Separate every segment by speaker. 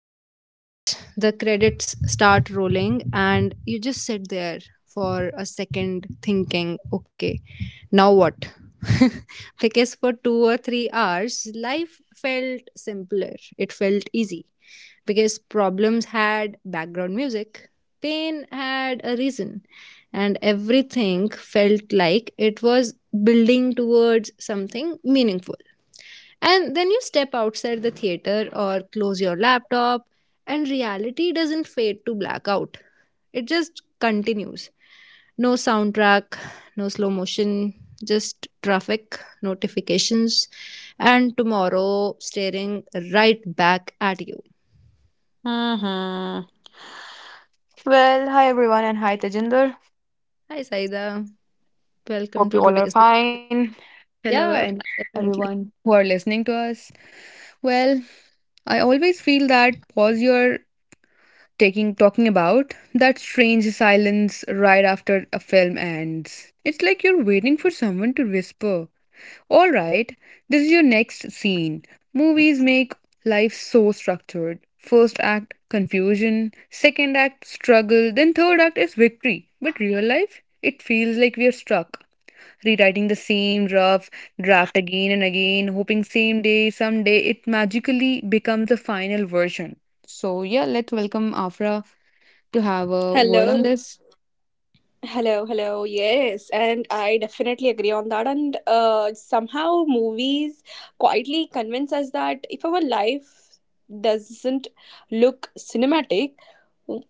Speaker 1: when a movie ends, the credits start rolling, and you just sit there for a second thinking, okay, now what? Because for 2 or 3 hours, life felt simpler, it felt easy. Because problems had background music, pain had a reason, and everything felt like it was building towards something meaningful. And then you step outside the theater or close your laptop, and reality doesn't fade to blackout. It just continues. No soundtrack, no slow motion, just traffic, notifications, and tomorrow staring right back at you.
Speaker 2: Mm-hmm. Well, hi everyone and hi Tejinder.
Speaker 1: Hi, Saida. Welcome
Speaker 2: Hope you
Speaker 1: to
Speaker 2: all are
Speaker 1: today's.
Speaker 2: fine. Hello, and
Speaker 1: Yeah,
Speaker 2: everyone
Speaker 1: definitely.
Speaker 2: who are listening to us. Well, I always feel that pause you're taking talking about that strange silence right after a film ends. It's like you're waiting for someone to whisper. All right, this is your next scene. Movies make life so structured. First act, confusion. Second act, struggle. Then third act is victory. But real life, it feels like we are stuck. Rewriting the same rough draft again and again, hoping same day, someday it magically becomes the final version. So, yeah, let's welcome Afra to have a word
Speaker 3: Hello,
Speaker 2: on this.
Speaker 3: hello, hello. Yes, and I definitely agree on that. And somehow movies quietly convince us that if our life doesn't look cinematic,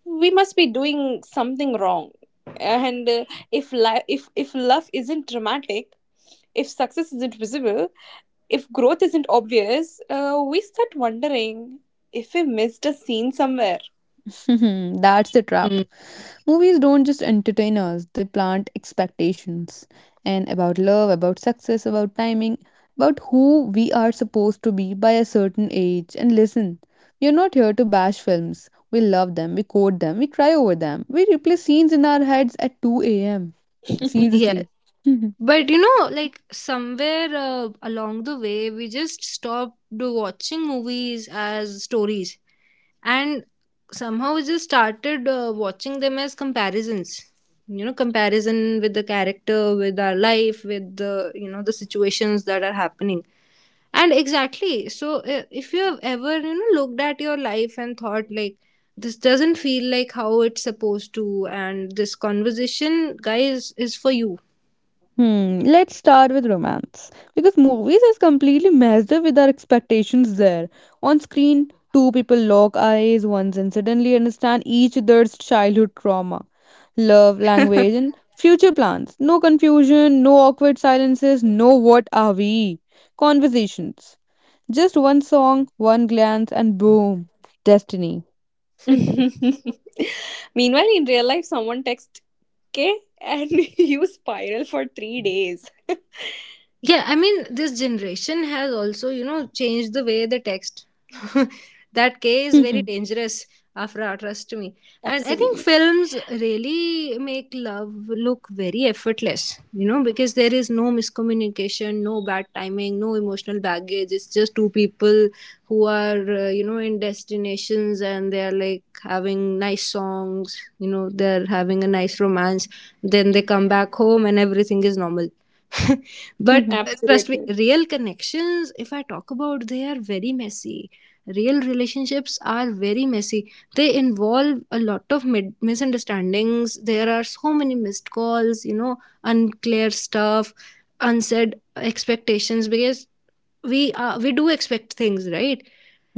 Speaker 3: we must be doing something wrong. And if love isn't dramatic, if success isn't visible, if growth isn't obvious, we start wondering if we missed a scene somewhere.
Speaker 2: That's the trap.
Speaker 1: Mm,
Speaker 2: Movies don't just entertain us, they plant expectations. And about love, about success, about timing, about who we are supposed to be by a certain age. And listen, we are not here to bash films. We love them, we quote them, we cry over them, we replay scenes in our heads at 2 am.
Speaker 1: yes.
Speaker 2: Seriously.
Speaker 1: But like somewhere along the way, we just stopped watching movies as stories and somehow just started watching them as comparisons, comparison with the character, with our life, with the, the situations that are happening. And exactly. So if you have ever, looked at your life and thought like, this doesn't feel like how it's supposed to, and this conversation, guys, is for you.
Speaker 2: Hmm, let's start with romance because movies has completely messed up with our expectations there. On screen, two people lock eyes once and suddenly understand each other's childhood trauma, love language, and future plans. No confusion, no awkward silences, no what are we conversations. Just one song, one glance, and boom, destiny.
Speaker 3: Meanwhile, in real life, someone texts K, and you spiral for 3 days.
Speaker 1: Yeah, I mean, this generation has also, you know, changed the way they text. That K is very dangerous, Afra, trust me.
Speaker 3: Absolutely.
Speaker 1: And I think films really make love look very effortless, you know, because there is no miscommunication, no bad timing, no emotional baggage. It's just two people who are, you know, in destinations, and they're like having nice songs, you know, they're having a nice romance. Then they come back home and everything is normal. But trust me,
Speaker 3: Absolutely.
Speaker 1: real connections, if I talk about, they are very messy. Real relationships are very messy. They involve a lot of misunderstandings. There are so many missed calls, you know, unclear stuff, unsaid expectations, because we do expect things, right?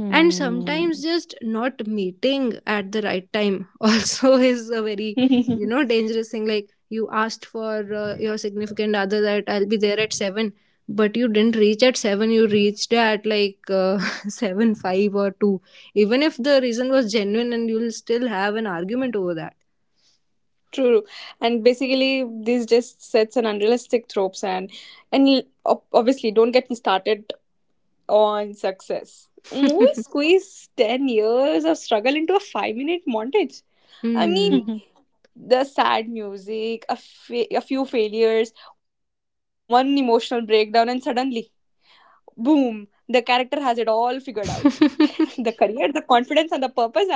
Speaker 1: And sometimes just not meeting at the right time also is a very, you know, dangerous thing. Like you asked for your significant other that I'll be there at 7, but you didn't reach at 7, you reached at like 7 5 or 2. Even if the reason was genuine, and you'll still have an argument over that.
Speaker 3: True. And basically, this just sets an unrealistic tropes and obviously, don't get me started on success. Movies squeeze 10 years of struggle into a 5 minute montage. I
Speaker 1: Hmm.
Speaker 3: mean,
Speaker 2: Hmm.
Speaker 3: the sad music, a few failures, one emotional breakdown, and suddenly boom, the character has it all figured out. The career, the confidence, and the purpose as well.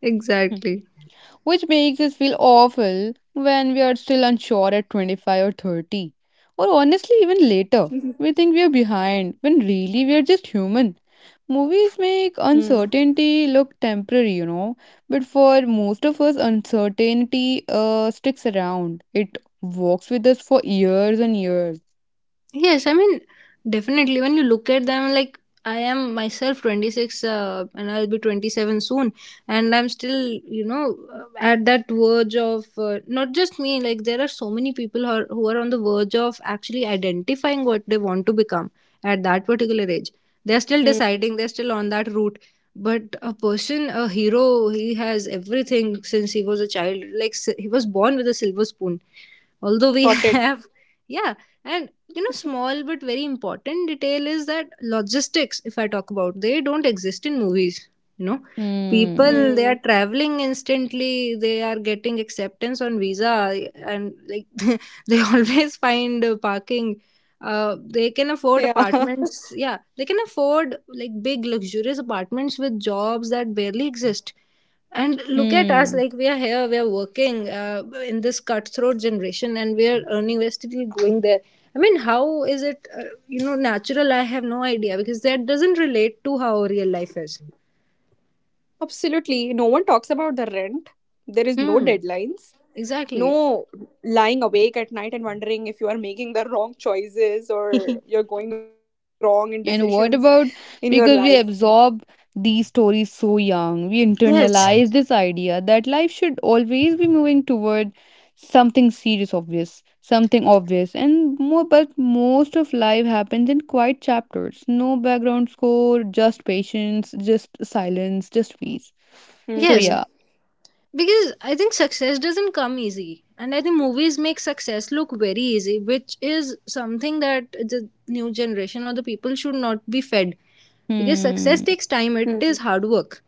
Speaker 1: Exactly.
Speaker 2: Which makes us feel awful when we are still unsure at 25 or 30, or honestly, even later. We think we are behind when really we are just human. Movies
Speaker 3: hmm.
Speaker 2: make uncertainty look temporary, you know, but for most of us, uncertainty sticks around. It walks with us for years and years.
Speaker 1: Yes, I mean, definitely. When you look at them, like I am myself 26, and I'll be 27 soon, and I'm still, you know, at that verge of not just me. Like there are so many people who who are on the verge of actually identifying what they want to become at that particular age. They're still deciding. They're
Speaker 3: Hmm.
Speaker 1: still on that route. But a person, a hero, he has everything since he was a child. Like he was born with a silver spoon, although we
Speaker 3: Sorted.
Speaker 1: have. Yeah. And you know, small but very important detail is that logistics, if I talk about, they don't exist in movies, you know.
Speaker 2: Hmm.
Speaker 3: hmm.
Speaker 1: People, they are traveling instantly, they are getting acceptance on visa, and like they always find parking. They can afford
Speaker 3: Yeah.
Speaker 1: apartments, yeah, they can afford like big luxurious apartments with jobs that barely exist. And look at us,
Speaker 2: Hmm.
Speaker 1: like we are here, we are working in this cutthroat generation, and we are earning, we're still going there. I mean, how is it, you know, natural? I have no idea, because that doesn't relate to how real life is.
Speaker 3: Absolutely, no one talks about the rent, there is
Speaker 1: Hmm,
Speaker 3: no deadlines,
Speaker 1: exactly.
Speaker 3: no lying awake at night and wondering if you are making the wrong choices or you're going wrong in
Speaker 2: And what
Speaker 3: decisions
Speaker 2: about
Speaker 3: in your
Speaker 2: because we
Speaker 3: life.
Speaker 2: absorb these stories so young, we
Speaker 1: Yes,
Speaker 2: internalize this idea that life should always be moving toward something serious, obvious, something obvious, and more. But most of life happens in quiet chapters, no background score, just patience, just silence, just peace. So
Speaker 1: yes.
Speaker 3: Hmm.
Speaker 2: yeah,
Speaker 1: Because I think success doesn't come easy, and I think movies make success look very easy, which is something that the new generation or the people should not be fed. Because success
Speaker 2: hmm,
Speaker 1: takes time,
Speaker 3: Hmm.
Speaker 1: it is hard work.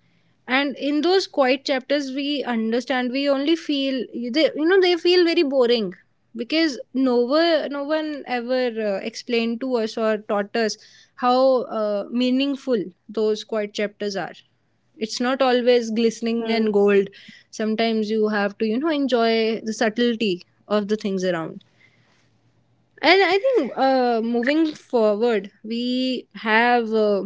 Speaker 1: And in those quiet chapters we understand, we only feel they, you know, they feel very boring. Because no one ever explained to us or taught us how meaningful those quiet chapters are. It's not always glistening
Speaker 3: Hmm.
Speaker 1: and gold. Sometimes you have to, you know, enjoy the subtlety of the things around. And I think moving forward, we have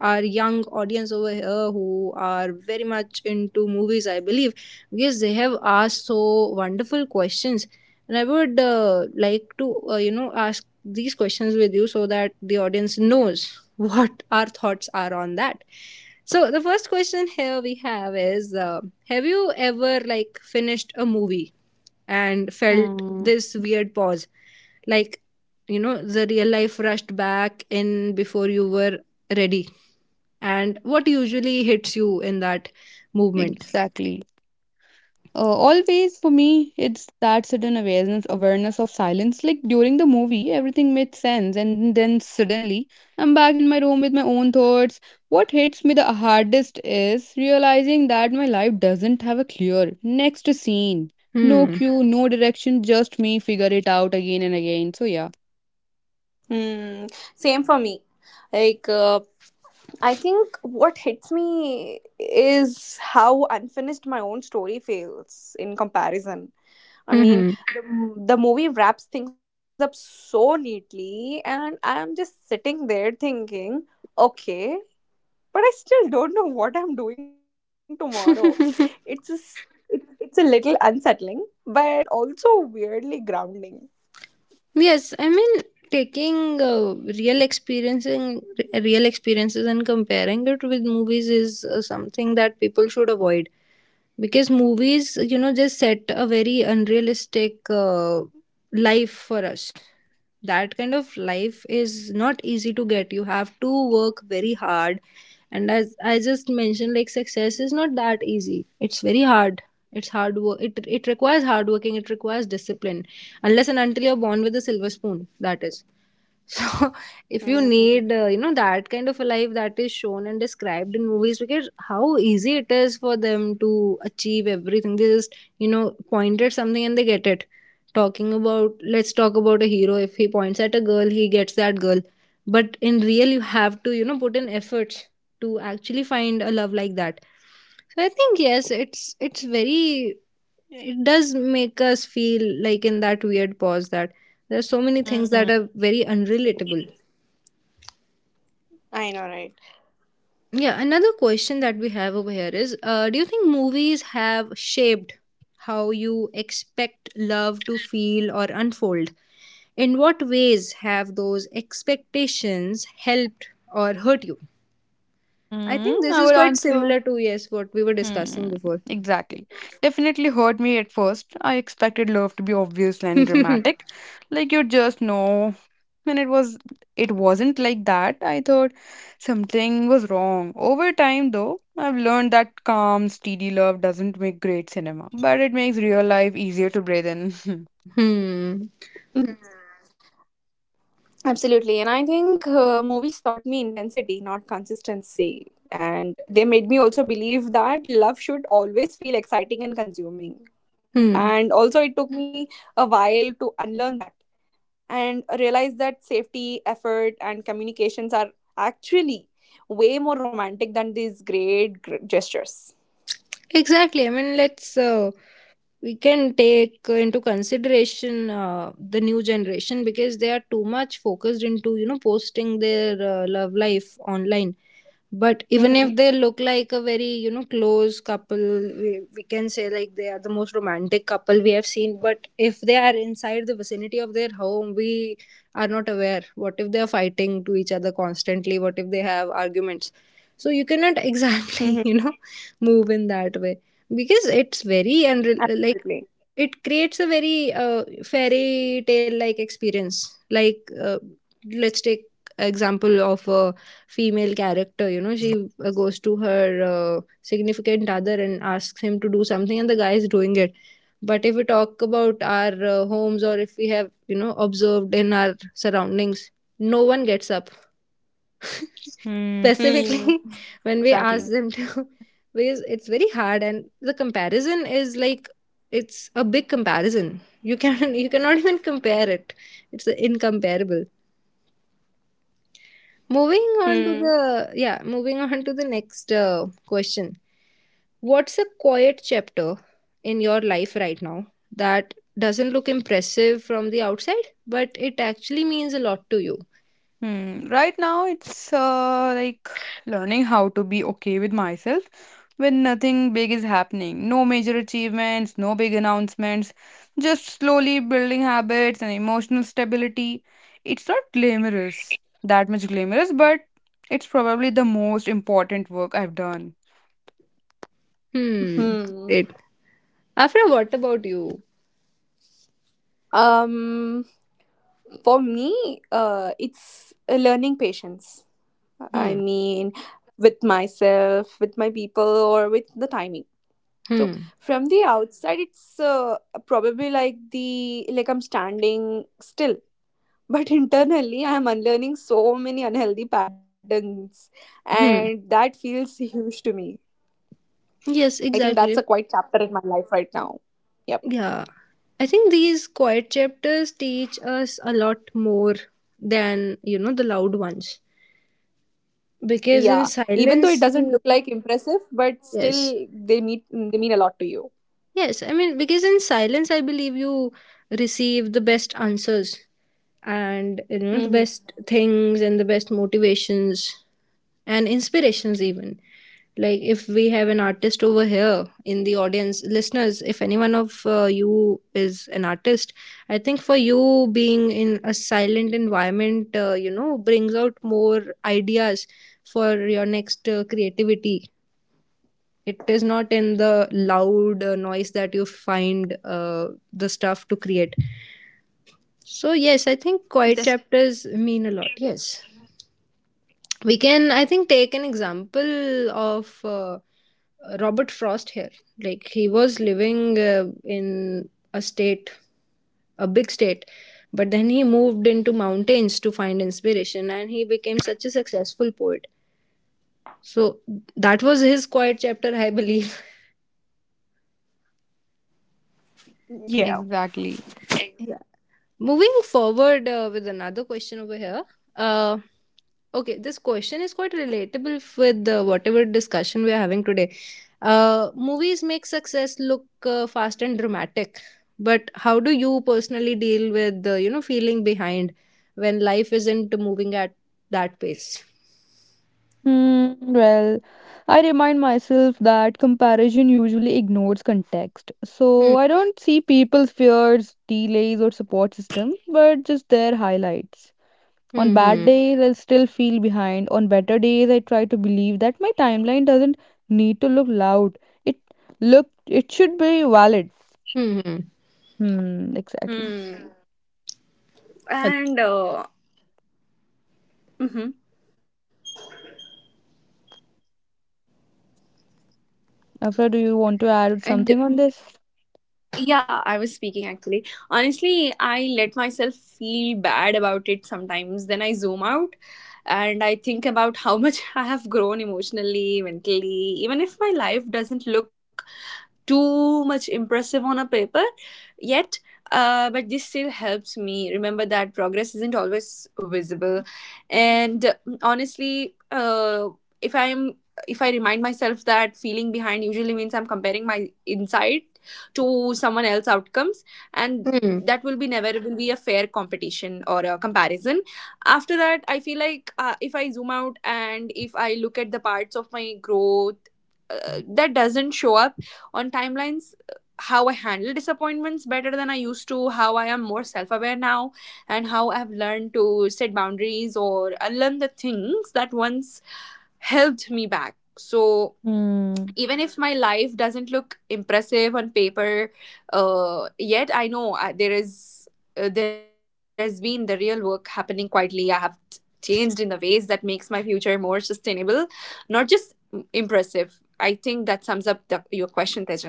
Speaker 1: our young audience over here who are very much into movies, I believe, because they have asked so wonderful questions. And I would like to, you know, ask these questions with you so that the audience knows what our thoughts are on that. So the first question here we have is: have you ever like finished a movie and felt
Speaker 2: Hmm.
Speaker 1: this weird pause? Like, you know, the real life rushed back in before you were ready, and what usually hits you in that movement?
Speaker 2: exactly. Always for me, it's that sudden awareness of silence. Like during the movie, everything made sense, and then suddenly I'm back in my room with my own thoughts. What hits me the hardest is realizing that my life doesn't have a clear next scene, no
Speaker 1: Hmm.
Speaker 2: cue, no direction, just me figure it out again and again. So yeah.
Speaker 3: Hmm. Same for me. Like, I think what hits me is how unfinished my own story feels in comparison. I mean,
Speaker 1: Mhm.
Speaker 3: the movie wraps things up so neatly, and I'm just sitting there thinking, okay, but I still don't know what I'm doing tomorrow. It's just, it's a little unsettling, but also weirdly grounding.
Speaker 1: Yes, I mean, taking real experiences and comparing it with movies is something that people should avoid. Because movies, you know, just set a very unrealistic life for us. That kind of life is not easy to get. You have to work very hard, and as I just mentioned, like success is not that easy. It's very hard, it's hard work. It requires hard working. It requires discipline, unless and until you're born with a silver spoon. That is. So, if you need,
Speaker 3: Mm,
Speaker 1: you know, that kind of a life that is shown and described in movies, because how easy it is for them to achieve everything. They just, you know, point at something and they get it. Talking about, let's talk about a hero. If he points at a girl, he gets that girl. But in real, you have to, you know, put in efforts to actually find a love like that. So I think yes, it's very, it does make us feel like in that weird pause that there are so many things that are very unrelatable.
Speaker 3: I know, right?
Speaker 1: Yeah, another question that we have over here is do you think movies have shaped how you expect love to feel or unfold? In what ways have those expectations helped or hurt you? I
Speaker 2: Hmm,
Speaker 1: think this
Speaker 2: I
Speaker 1: is
Speaker 2: would
Speaker 1: quite
Speaker 2: answer.
Speaker 1: similar to, yes, what we were
Speaker 2: Hmm,
Speaker 1: discussing before.
Speaker 2: exactly. Definitely hurt me at first. I expected love to be obvious and dramatic, like you just know. And it wasn't like that. I thought something was wrong. Over time though, I've learned that calm, steady love doesn't make great cinema, but it makes real life easier to breathe in.
Speaker 1: Hmm.
Speaker 3: Absolutely. And I think movies taught me intensity, not consistency. And they made me also believe that love should always feel exciting and consuming.
Speaker 1: Hmm.
Speaker 3: And also, it took me a while to unlearn that and realize that safety, effort, and communications are actually way more romantic than these great gestures.
Speaker 1: Exactly. I mean, let's we can take into consideration the new generation, because they are too much focused into, you know, posting their love life online. But
Speaker 3: Mm-hmm.
Speaker 1: even if they look like a very, you know, close couple, we can say like they are the most romantic couple we have seen. But if they are inside the vicinity of their home, we are not aware. What if they are fighting to each other constantly? What if they have arguments? So you cannot
Speaker 3: Mm-hmm.
Speaker 1: exactly, you know, move in that way, because it's very, and like,
Speaker 3: Absolutely.
Speaker 1: it creates a very fairy tale like experience. Like, let's take example of a female character, you know, she goes to her significant other and asks him to do something, and the guy is doing it. But if we talk about our homes, or if we have, you know, observed in our surroundings, no one gets up
Speaker 2: Hmm,
Speaker 3: Hmm.
Speaker 1: specifically when we ask
Speaker 2: exactly.
Speaker 1: them to. Because it's very hard and the comparison is like, it's a big comparison, you can you cannot even compare it, it's incomparable. Moving on to
Speaker 3: Hmm.
Speaker 1: the, yeah, moving on to the next question. What's a quiet chapter in your life right now that doesn't look impressive from the outside, but it actually means a lot to you?
Speaker 2: Hmm. Right now, it's like learning how to be okay with myself when nothing big is happening. No major achievements, no big announcements, just slowly building habits and emotional stability. It's not glamorous, that much glamorous, but it's probably the most important work I've done.
Speaker 1: Hmm.
Speaker 3: Hmm.
Speaker 1: Great. Afra, what about you?
Speaker 3: Um. For me, it's learning patience. I
Speaker 1: Hmm.
Speaker 3: mean, with myself, with my people, or with the timing. So
Speaker 1: Hmm.
Speaker 3: from the outside, it's probably like the like I'm standing still, but internally, I am unlearning so many unhealthy patterns, and
Speaker 1: Hmm.
Speaker 3: that feels huge to me.
Speaker 1: Yes,
Speaker 3: I think that's a
Speaker 1: exactly.
Speaker 3: quite chapter in my life right now. Yep.
Speaker 1: Yeah. I think these quiet chapters teach us a lot more than, you know, the loud ones. Because in
Speaker 3: Yeah. Even though it
Speaker 1: silence,
Speaker 3: doesn't
Speaker 1: we,
Speaker 3: look like impressive, but
Speaker 1: yes,
Speaker 3: still they meet they mean a lot to you.
Speaker 1: yes, I mean, because in silence, I believe you receive the best answers and, you know, the best
Speaker 3: Mm-hmm.
Speaker 1: things and the best motivations and inspirations, even. Like, if we have an artist over here in the audience, listeners, if anyone of you is an artist, I think for you being in a silent environment, you know, brings out more ideas for your next creativity. It is not in the loud noise that you find the stuff to create. So yes, I think quiet
Speaker 3: This,
Speaker 1: chapters mean a lot, yes. We can, I think, take an example of Robert Frost here. Like he was living in a state, a big state, but then he moved into mountains to find inspiration, and he became such a successful poet. So that was his quiet chapter, I believe.
Speaker 3: yeah.
Speaker 2: Exactly.
Speaker 1: Moving forward with another question over here. Uh, okay, this question is quite relatable with whatever discussion we are having today. Movies make success look fast and dramatic, but how do you personally deal with you know, feeling behind when life isn't moving at that pace?
Speaker 2: Hmm, well, I remind myself that comparison usually ignores context.
Speaker 1: Hmm.
Speaker 2: So I don't see people's fears, delays, or support systems, but just their highlights. On bad Mhm.
Speaker 1: Hmm.
Speaker 2: days, I still feel behind. On better days, I try to believe that my timeline doesn't need to look loud. It look it should be valid.
Speaker 1: Hmm. Hmm. Hmm.
Speaker 2: Hmm, exactly.
Speaker 3: Hmm.
Speaker 1: Uh,
Speaker 3: And mhm.
Speaker 2: Afra, do you want to add
Speaker 3: And
Speaker 2: something on this?
Speaker 3: yeah, I was speaking actually. Honestly, I let myself feel bad about it sometimes. Then I zoom out and I think about how much I have grown emotionally, mentally, even if my life doesn't look too much impressive on a paper yet. But this still helps me remember that progress isn't always visible. And honestly, if i'm if I remind myself that feeling behind usually means I'm comparing my insight to someone else outcomes, and
Speaker 1: hmm.
Speaker 3: that will be never will be a fair competition or a comparison. After that, I feel like if I zoom out and if I look at the parts of my growth that doesn't show up on timelines, how I handle disappointments better than I used to, how I am more self-aware now, and how I've learned to set boundaries or unlearn the things that once held me back. So
Speaker 2: Hmm.
Speaker 3: even if my life doesn't look impressive on paper yet, I know there is there has been the real work happening quietly. I have changed in the ways that makes my future more sustainable, not just impressive. I think that sums up your question, Tejinder.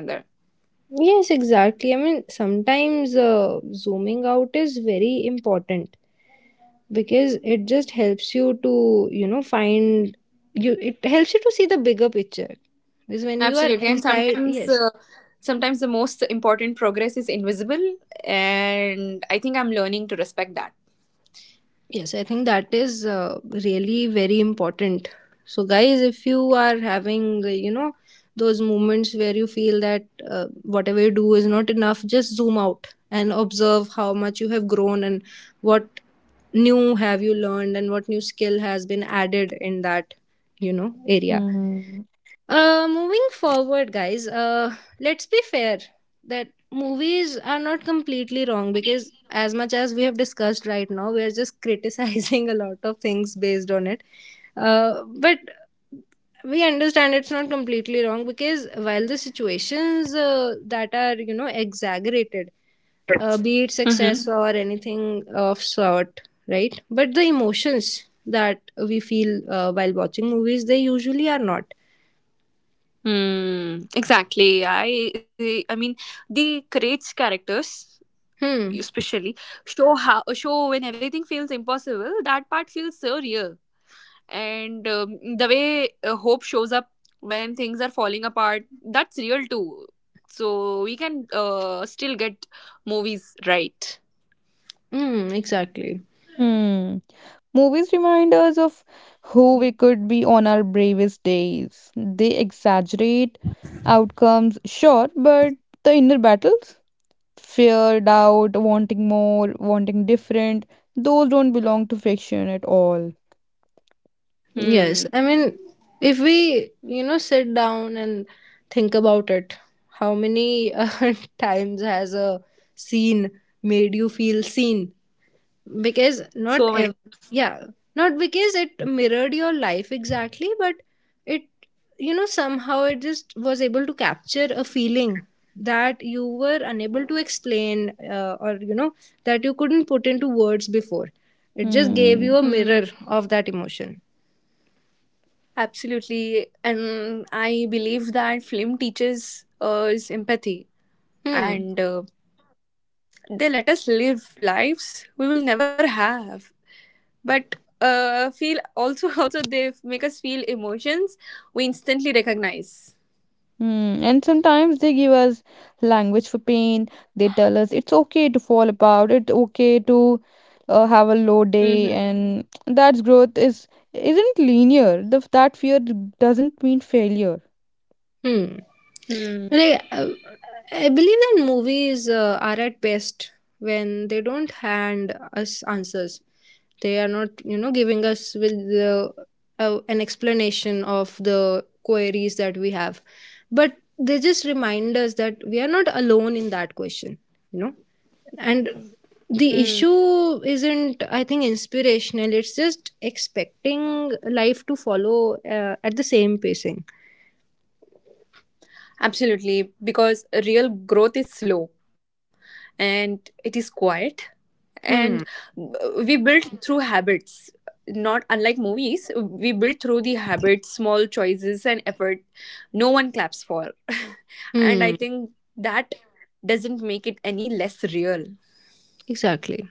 Speaker 1: Yes, exactly. I mean, sometimes zooming out is very important because it just helps you to find you it helps you to see the bigger picture because when you are
Speaker 3: Absolutely. and
Speaker 1: inside,
Speaker 3: sometimes
Speaker 1: yes.
Speaker 3: uh, sometimes the most important progress is invisible, and I think I'm learning to respect
Speaker 1: Yes, I think that is really very important. So guys, if you are having, those moments where you feel that whatever you do is not enough, just zoom out and observe how much you have grown and what new have you learned and what new skill has been added in that, you know, area.
Speaker 2: Hmm.
Speaker 1: Moving forward, guys, let's be fair that movies are not completely wrong because, as much as we have discussed right now, we are just criticizing a lot of things based on it. But we understand it's not completely wrong because while the situations that are, you know, exaggerated, be it
Speaker 3: that.
Speaker 1: success or anything of sort, right? But the emotions that we feel while watching movies, they usually are not.
Speaker 3: Hmm. Exactly. I mean, the creates characters,
Speaker 1: Hmm.
Speaker 3: especially show when everything feels impossible. That part feels so real, and the way hope shows up when things are falling apart. That's real too. So we can still get movies right.
Speaker 1: Hmm. Exactly.
Speaker 2: Hmm. Movies remind us of who we could be on our bravest days. They exaggerate outcomes, sure, but the inner battles, fear, doubt, wanting more, wanting different, those don't belong to fiction at all.
Speaker 1: Yes.
Speaker 3: Hmm.
Speaker 1: I mean, if we, you know, sit down and think about it, how many times has a scene made you feel seen? Because not
Speaker 3: So
Speaker 1: ev-
Speaker 3: many.
Speaker 1: Yeah, not because it mirrored your life exactly, but it, you know, somehow it just was able to capture a feeling that you were unable to explain, or you know, that you couldn't put into words before. It just gave you
Speaker 2: Hmm.
Speaker 1: a
Speaker 3: Hmm.
Speaker 1: mirror of that emotion.
Speaker 3: Absolutely, and I believe that film teaches us empathy.
Speaker 1: Hmm.
Speaker 3: And They let us live lives we will never have, but feel also also they make us feel emotions we instantly recognize.
Speaker 2: Hmm. And sometimes they give us language for pain. They tell us it's okay to fall apart. It's okay to have a low day,
Speaker 3: Mm-hmm.
Speaker 2: and that growth is isn't linear. That fear doesn't mean failure.
Speaker 1: Hmm.
Speaker 3: Hmm.
Speaker 1: Like, I believe that movies are at best when they don't hand us answers. They are not, you know, giving us with the, an explanation of the queries that we have, but they just remind us that we are not alone in that question. You know, and the
Speaker 3: Hmm.
Speaker 1: issue isn't, I think, inspirational. It's just expecting life to follow at the same pacing.
Speaker 3: Absolutely, because real growth is slow, and it is quiet, and
Speaker 1: Hmm.
Speaker 3: we build through habits. Not unlike movies, we build through the habits, small choices, and effort no one claps for. And
Speaker 1: Hmm,
Speaker 3: I think that doesn't make it any less real.
Speaker 1: exactly.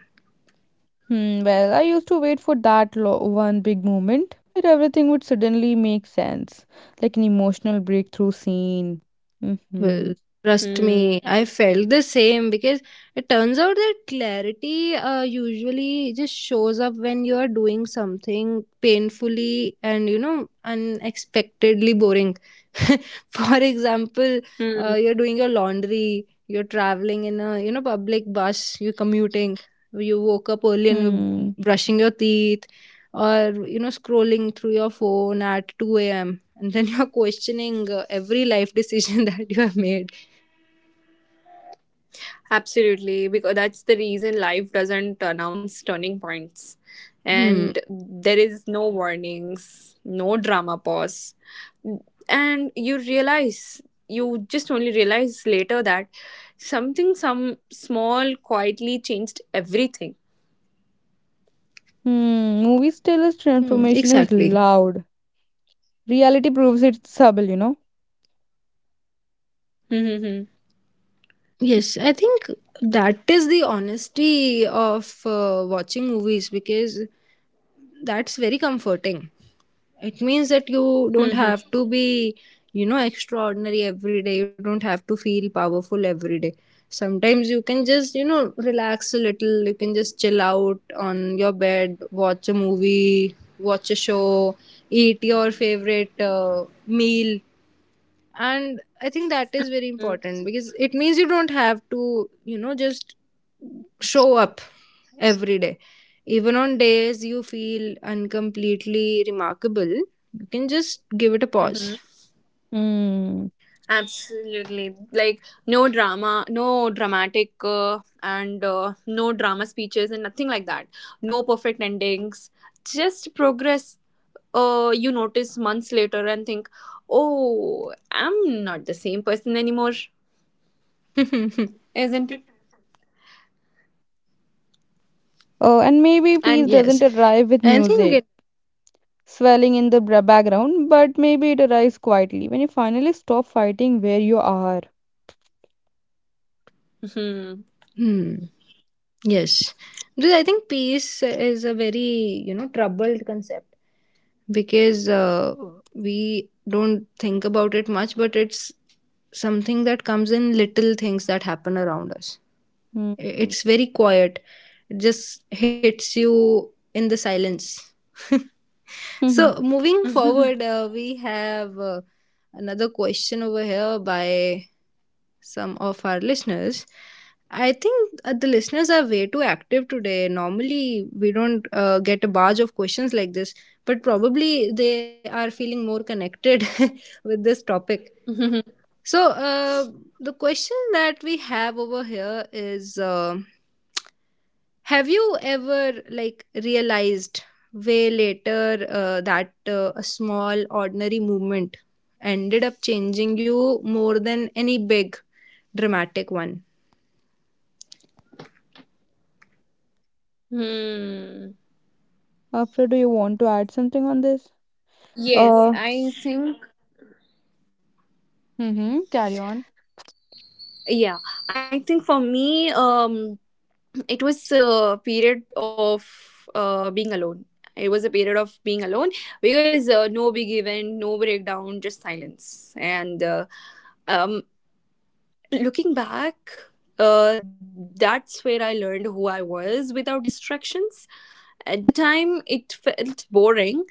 Speaker 2: Hmm, well, I used to wait for that one big moment where everything would suddenly make sense, like an emotional breakthrough scene. Mm-hmm.
Speaker 1: Well, trust me,
Speaker 3: Hmm.
Speaker 1: I felt the same because it turns out that clarity usually just shows up when you are doing something painfully and, you know, unexpectedly boring. For example,
Speaker 3: Hmm.
Speaker 1: you're doing your laundry, you're traveling in a, you know, public bus, you're commuting, you woke up early and you're
Speaker 2: Hmm.
Speaker 1: brushing your teeth, or you know, scrolling through your phone at 2 a.m. and then you're questioning every life decision that you have made.
Speaker 3: Absolutely, because that's the reason life doesn't announce turning points.
Speaker 1: Hmm.
Speaker 3: And there is no warnings, no drama pause. And you realize, you just only realize later that something, some small, quietly changed everything.
Speaker 2: Hmm. Movies tell us
Speaker 1: Hmm,
Speaker 2: transformation is
Speaker 1: exactly.
Speaker 2: loud. Reality proves it's subtle, you know.
Speaker 3: Mm-hmm.
Speaker 1: Yes, I think that is the honesty of watching movies, because that's very comforting. It means that you don't
Speaker 3: Mm-hmm.
Speaker 1: have to be, you know, extraordinary every day. You don't have to feel powerful every day. Sometimes you can just, you know, relax a little. You can just chill out on your bed, watch a movie, watch a show, eat your favorite meal. And I think that is very important because it means you don't have to, you know, just show up every day. Even on days you feel uncompletely remarkable, you can just give it a
Speaker 3: Mm-hmm.
Speaker 1: pause.
Speaker 2: Mm.
Speaker 3: Absolutely. Like no drama, no dramatic, and no drama speeches and nothing like that. No perfect endings. Just progress. You notice months later and think, oh, I'm not the same person anymore, isn't it?
Speaker 2: Oh, and maybe peace
Speaker 3: And
Speaker 1: Yes,
Speaker 2: doesn't arrive with
Speaker 1: I think it.
Speaker 2: music swelling in the background, but maybe it arrives quietly when you finally stop fighting where you are.
Speaker 3: hmm.
Speaker 1: Hmm, yes, because I think peace is a very, you know, troubled concept, because we don't think about it much, but it's something that comes in little things that happen around us.
Speaker 2: Mm.
Speaker 1: It's very quiet, it just hits you in the silence. So,
Speaker 2: Mhm.
Speaker 1: moving forward, uh, we have another question over here by some of our listeners. I think the listeners are way too active today. Normally, we don't get a barrage of questions like this, but probably they are feeling more connected with this topic. So, the question that we have over here is, have you ever, like, realized way later that a small, ordinary movement ended up changing you more than any big, dramatic one?
Speaker 3: Hmm.
Speaker 2: Afra, do you want to add something on this?
Speaker 3: Yes,
Speaker 2: Uh,
Speaker 3: I think
Speaker 2: mm-hmm. Carry on.
Speaker 3: yeah. I think for me, it was a period of being alone. It was a period of being alone, because no big event, no breakdown, just silence. And um, looking back, uh, that's where I learned who I was without distractions. At the time, it felt boring.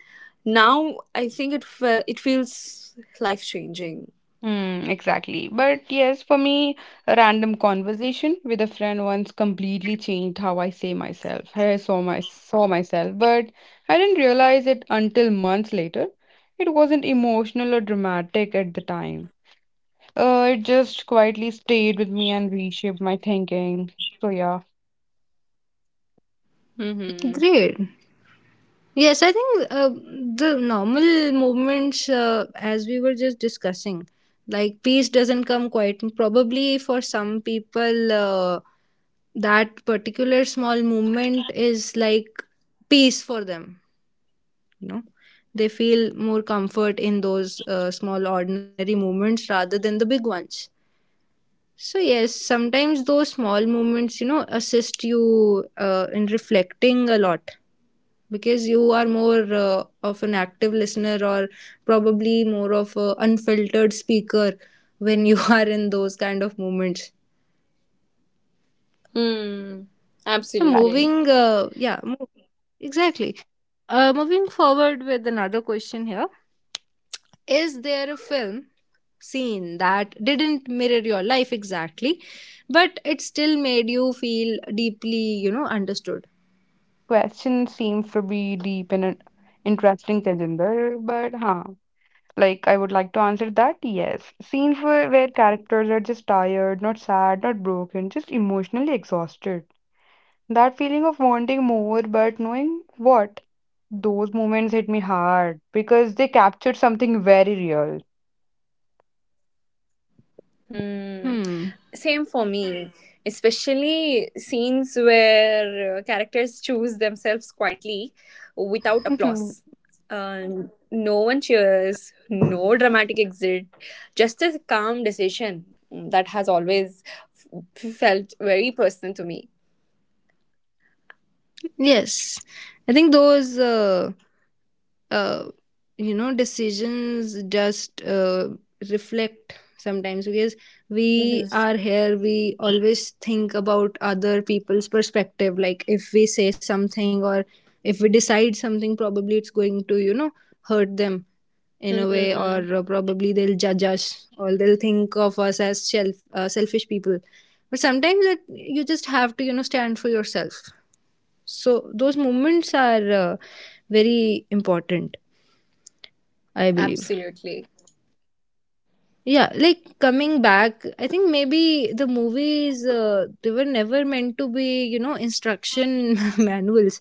Speaker 3: Now I think it feels life changing.
Speaker 2: Hmm, exactly. But yes, for me, a random conversation with a friend once completely changed how I saw myself. But I didn't realize it until months later. It wasn't emotional or dramatic at the time. It just quietly stayed with me and reshaped my thinking. So yeah,
Speaker 3: Mm-hmm.
Speaker 1: Great. Yes, I think the normal movements, as we were just discussing, like peace doesn't come quite. Probably for some people, that particular small movement is like peace for them. You know, they feel more comfort in those small, ordinary movements rather than the big ones. So, yes, sometimes those small movements, you know, assist you in reflecting a lot because you are more of an active listener, or probably more of an unfiltered speaker when you are in those kind of moments.
Speaker 3: Hmm. Absolutely.
Speaker 2: exactly.
Speaker 1: moving uh, yeah mo- exactly. Moving forward with another question here, is there a film scene that didn't mirror your life exactly but it still made you feel deeply, you know, understood?
Speaker 2: Question seems to be deep and interesting, Tejinder, but huh. Like, I would like to answer that yes. Scenes where characters are just tired, not sad, not broken, just emotionally exhausted. That feeling of wanting more, but knowing what? Those moments hit me hard because they captured something very real.
Speaker 3: Hmm.
Speaker 1: Hmm,
Speaker 3: Same for me, especially scenes where characters choose themselves quietly without applause. Uh, no one cheers, no dramatic exit, just a calm decision. Mm, that has always felt very personal to me.
Speaker 1: yes, I think those uh, you know, decisions just reflect sometimes because we
Speaker 3: Hmm.
Speaker 1: are here, we always think about other people's perspective, like if we say something or if we decide something, probably it's going to, you know, hurt them in a way,
Speaker 3: Hmm.
Speaker 1: or probably they'll judge us or they'll think of us as selfish people. But sometimes that you just have to, you know, stand for yourself, so those moments are, very important, I believe.
Speaker 3: Absolutely.
Speaker 1: Yeah, like coming back, I think maybe the movies, they were never meant to be, you know, instruction manuals.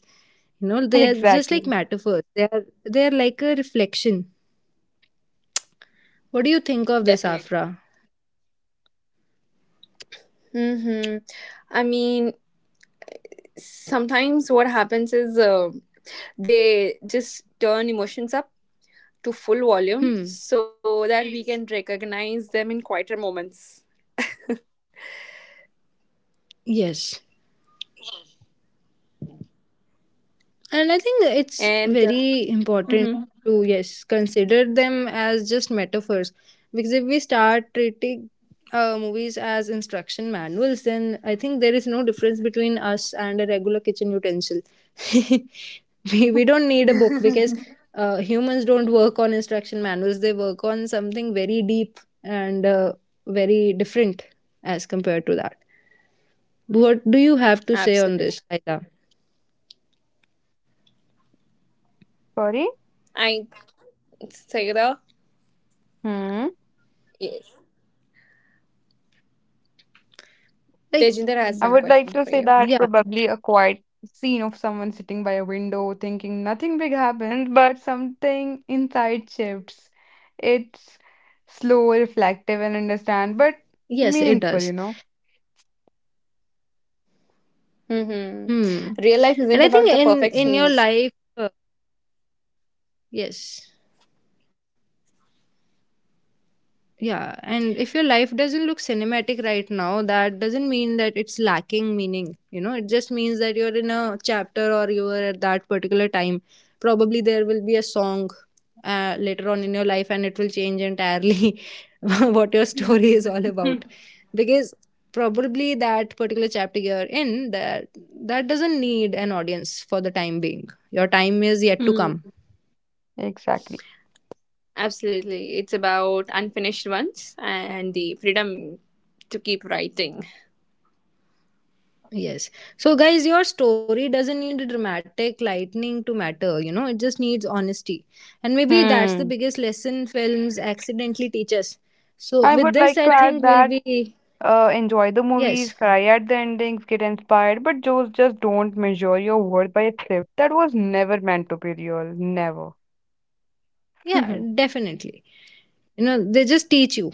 Speaker 1: You know, they are just
Speaker 2: Exactly.
Speaker 1: like metaphors. They are like a reflection. What do you think of this,
Speaker 3: Definitely.
Speaker 1: Afra?
Speaker 3: Hmm. I mean, sometimes what happens is, they just turn emotions up to full volume
Speaker 1: Hmm,
Speaker 3: so that we can recognize them in quieter moments.
Speaker 1: yes. And I think it's
Speaker 3: And
Speaker 1: very important
Speaker 3: mhm,
Speaker 1: to, yes, consider them as just metaphors. Because if we start treating movies as instruction manuals, then I think there is no difference between us and a regular kitchen utensil. We don't need a book because humans don't work on instruction manuals, they work on something very deep and very different as compared to that. What do you have to say on
Speaker 3: absolutely,
Speaker 1: this, Aida?
Speaker 2: Sorry?
Speaker 3: I Saira,
Speaker 2: Hmm?
Speaker 3: yes,
Speaker 1: Like,
Speaker 3: Tejinder
Speaker 2: I
Speaker 3: has
Speaker 2: would
Speaker 3: some
Speaker 2: like to
Speaker 3: question
Speaker 2: say
Speaker 3: for you.
Speaker 2: that
Speaker 1: yeah.
Speaker 2: probably a quiet scene of someone sitting by a window thinking nothing big happens, but something inside shifts. It's slow, reflective, and understand, but
Speaker 1: Yes, it
Speaker 2: meaningful, you
Speaker 1: does.
Speaker 2: know?
Speaker 3: Hmm.
Speaker 1: Hmm.
Speaker 3: Real life isn't
Speaker 1: And I
Speaker 3: about
Speaker 1: think
Speaker 3: the
Speaker 1: in
Speaker 3: perfect
Speaker 1: your
Speaker 3: scenes.
Speaker 1: life, yes. Yeah, and if your life doesn't look cinematic right now, that doesn't mean that it's lacking meaning. You know, it just means that you're in a chapter or you are at that particular time. Probably there will be a song later on in your life and it will change entirely what your story is all about. Because probably that particular chapter you're in, that doesn't need an audience for the time being. Your time is yet to
Speaker 3: Mm,
Speaker 1: come.
Speaker 2: Exactly.
Speaker 3: absolutely, it's about unfinished ones and the freedom to keep writing.
Speaker 1: Yes. So, guys, your story doesn't need a dramatic lightning to matter. You know, it just needs honesty. And maybe that's the
Speaker 2: Hmm.
Speaker 1: biggest lesson films accidentally teach us. So,
Speaker 2: I
Speaker 1: with
Speaker 2: would
Speaker 1: this,
Speaker 2: like
Speaker 1: I
Speaker 2: to
Speaker 1: think
Speaker 2: add
Speaker 1: we'll
Speaker 2: that
Speaker 1: be,
Speaker 2: enjoy the movies,
Speaker 1: yes,
Speaker 2: cry at the endings, get inspired, but just don't measure your worth by a clip that was never meant to be real. Never.
Speaker 1: yeah, definitely. You know, they just teach you.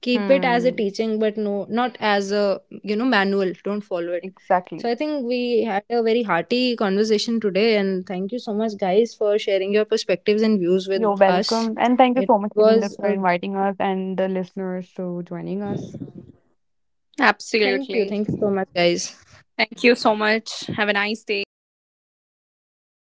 Speaker 1: Keep it as a
Speaker 2: Hmm.
Speaker 1: teaching, but no, not as a, you know, manual. Don't follow it. So,
Speaker 2: Exactly.
Speaker 1: I think we had a very hearty conversation today. And thank you so much, guys, for sharing your perspectives and views
Speaker 2: You're
Speaker 1: with us.
Speaker 2: welcome. And thank you
Speaker 1: It
Speaker 2: so much, Tejinder,
Speaker 1: was
Speaker 2: for
Speaker 1: a.
Speaker 2: inviting us and the listeners to joining us.
Speaker 1: Thank you.
Speaker 3: Absolutely.
Speaker 1: Thank you so much, guys.
Speaker 3: Thank you so much. Have a nice day, guys.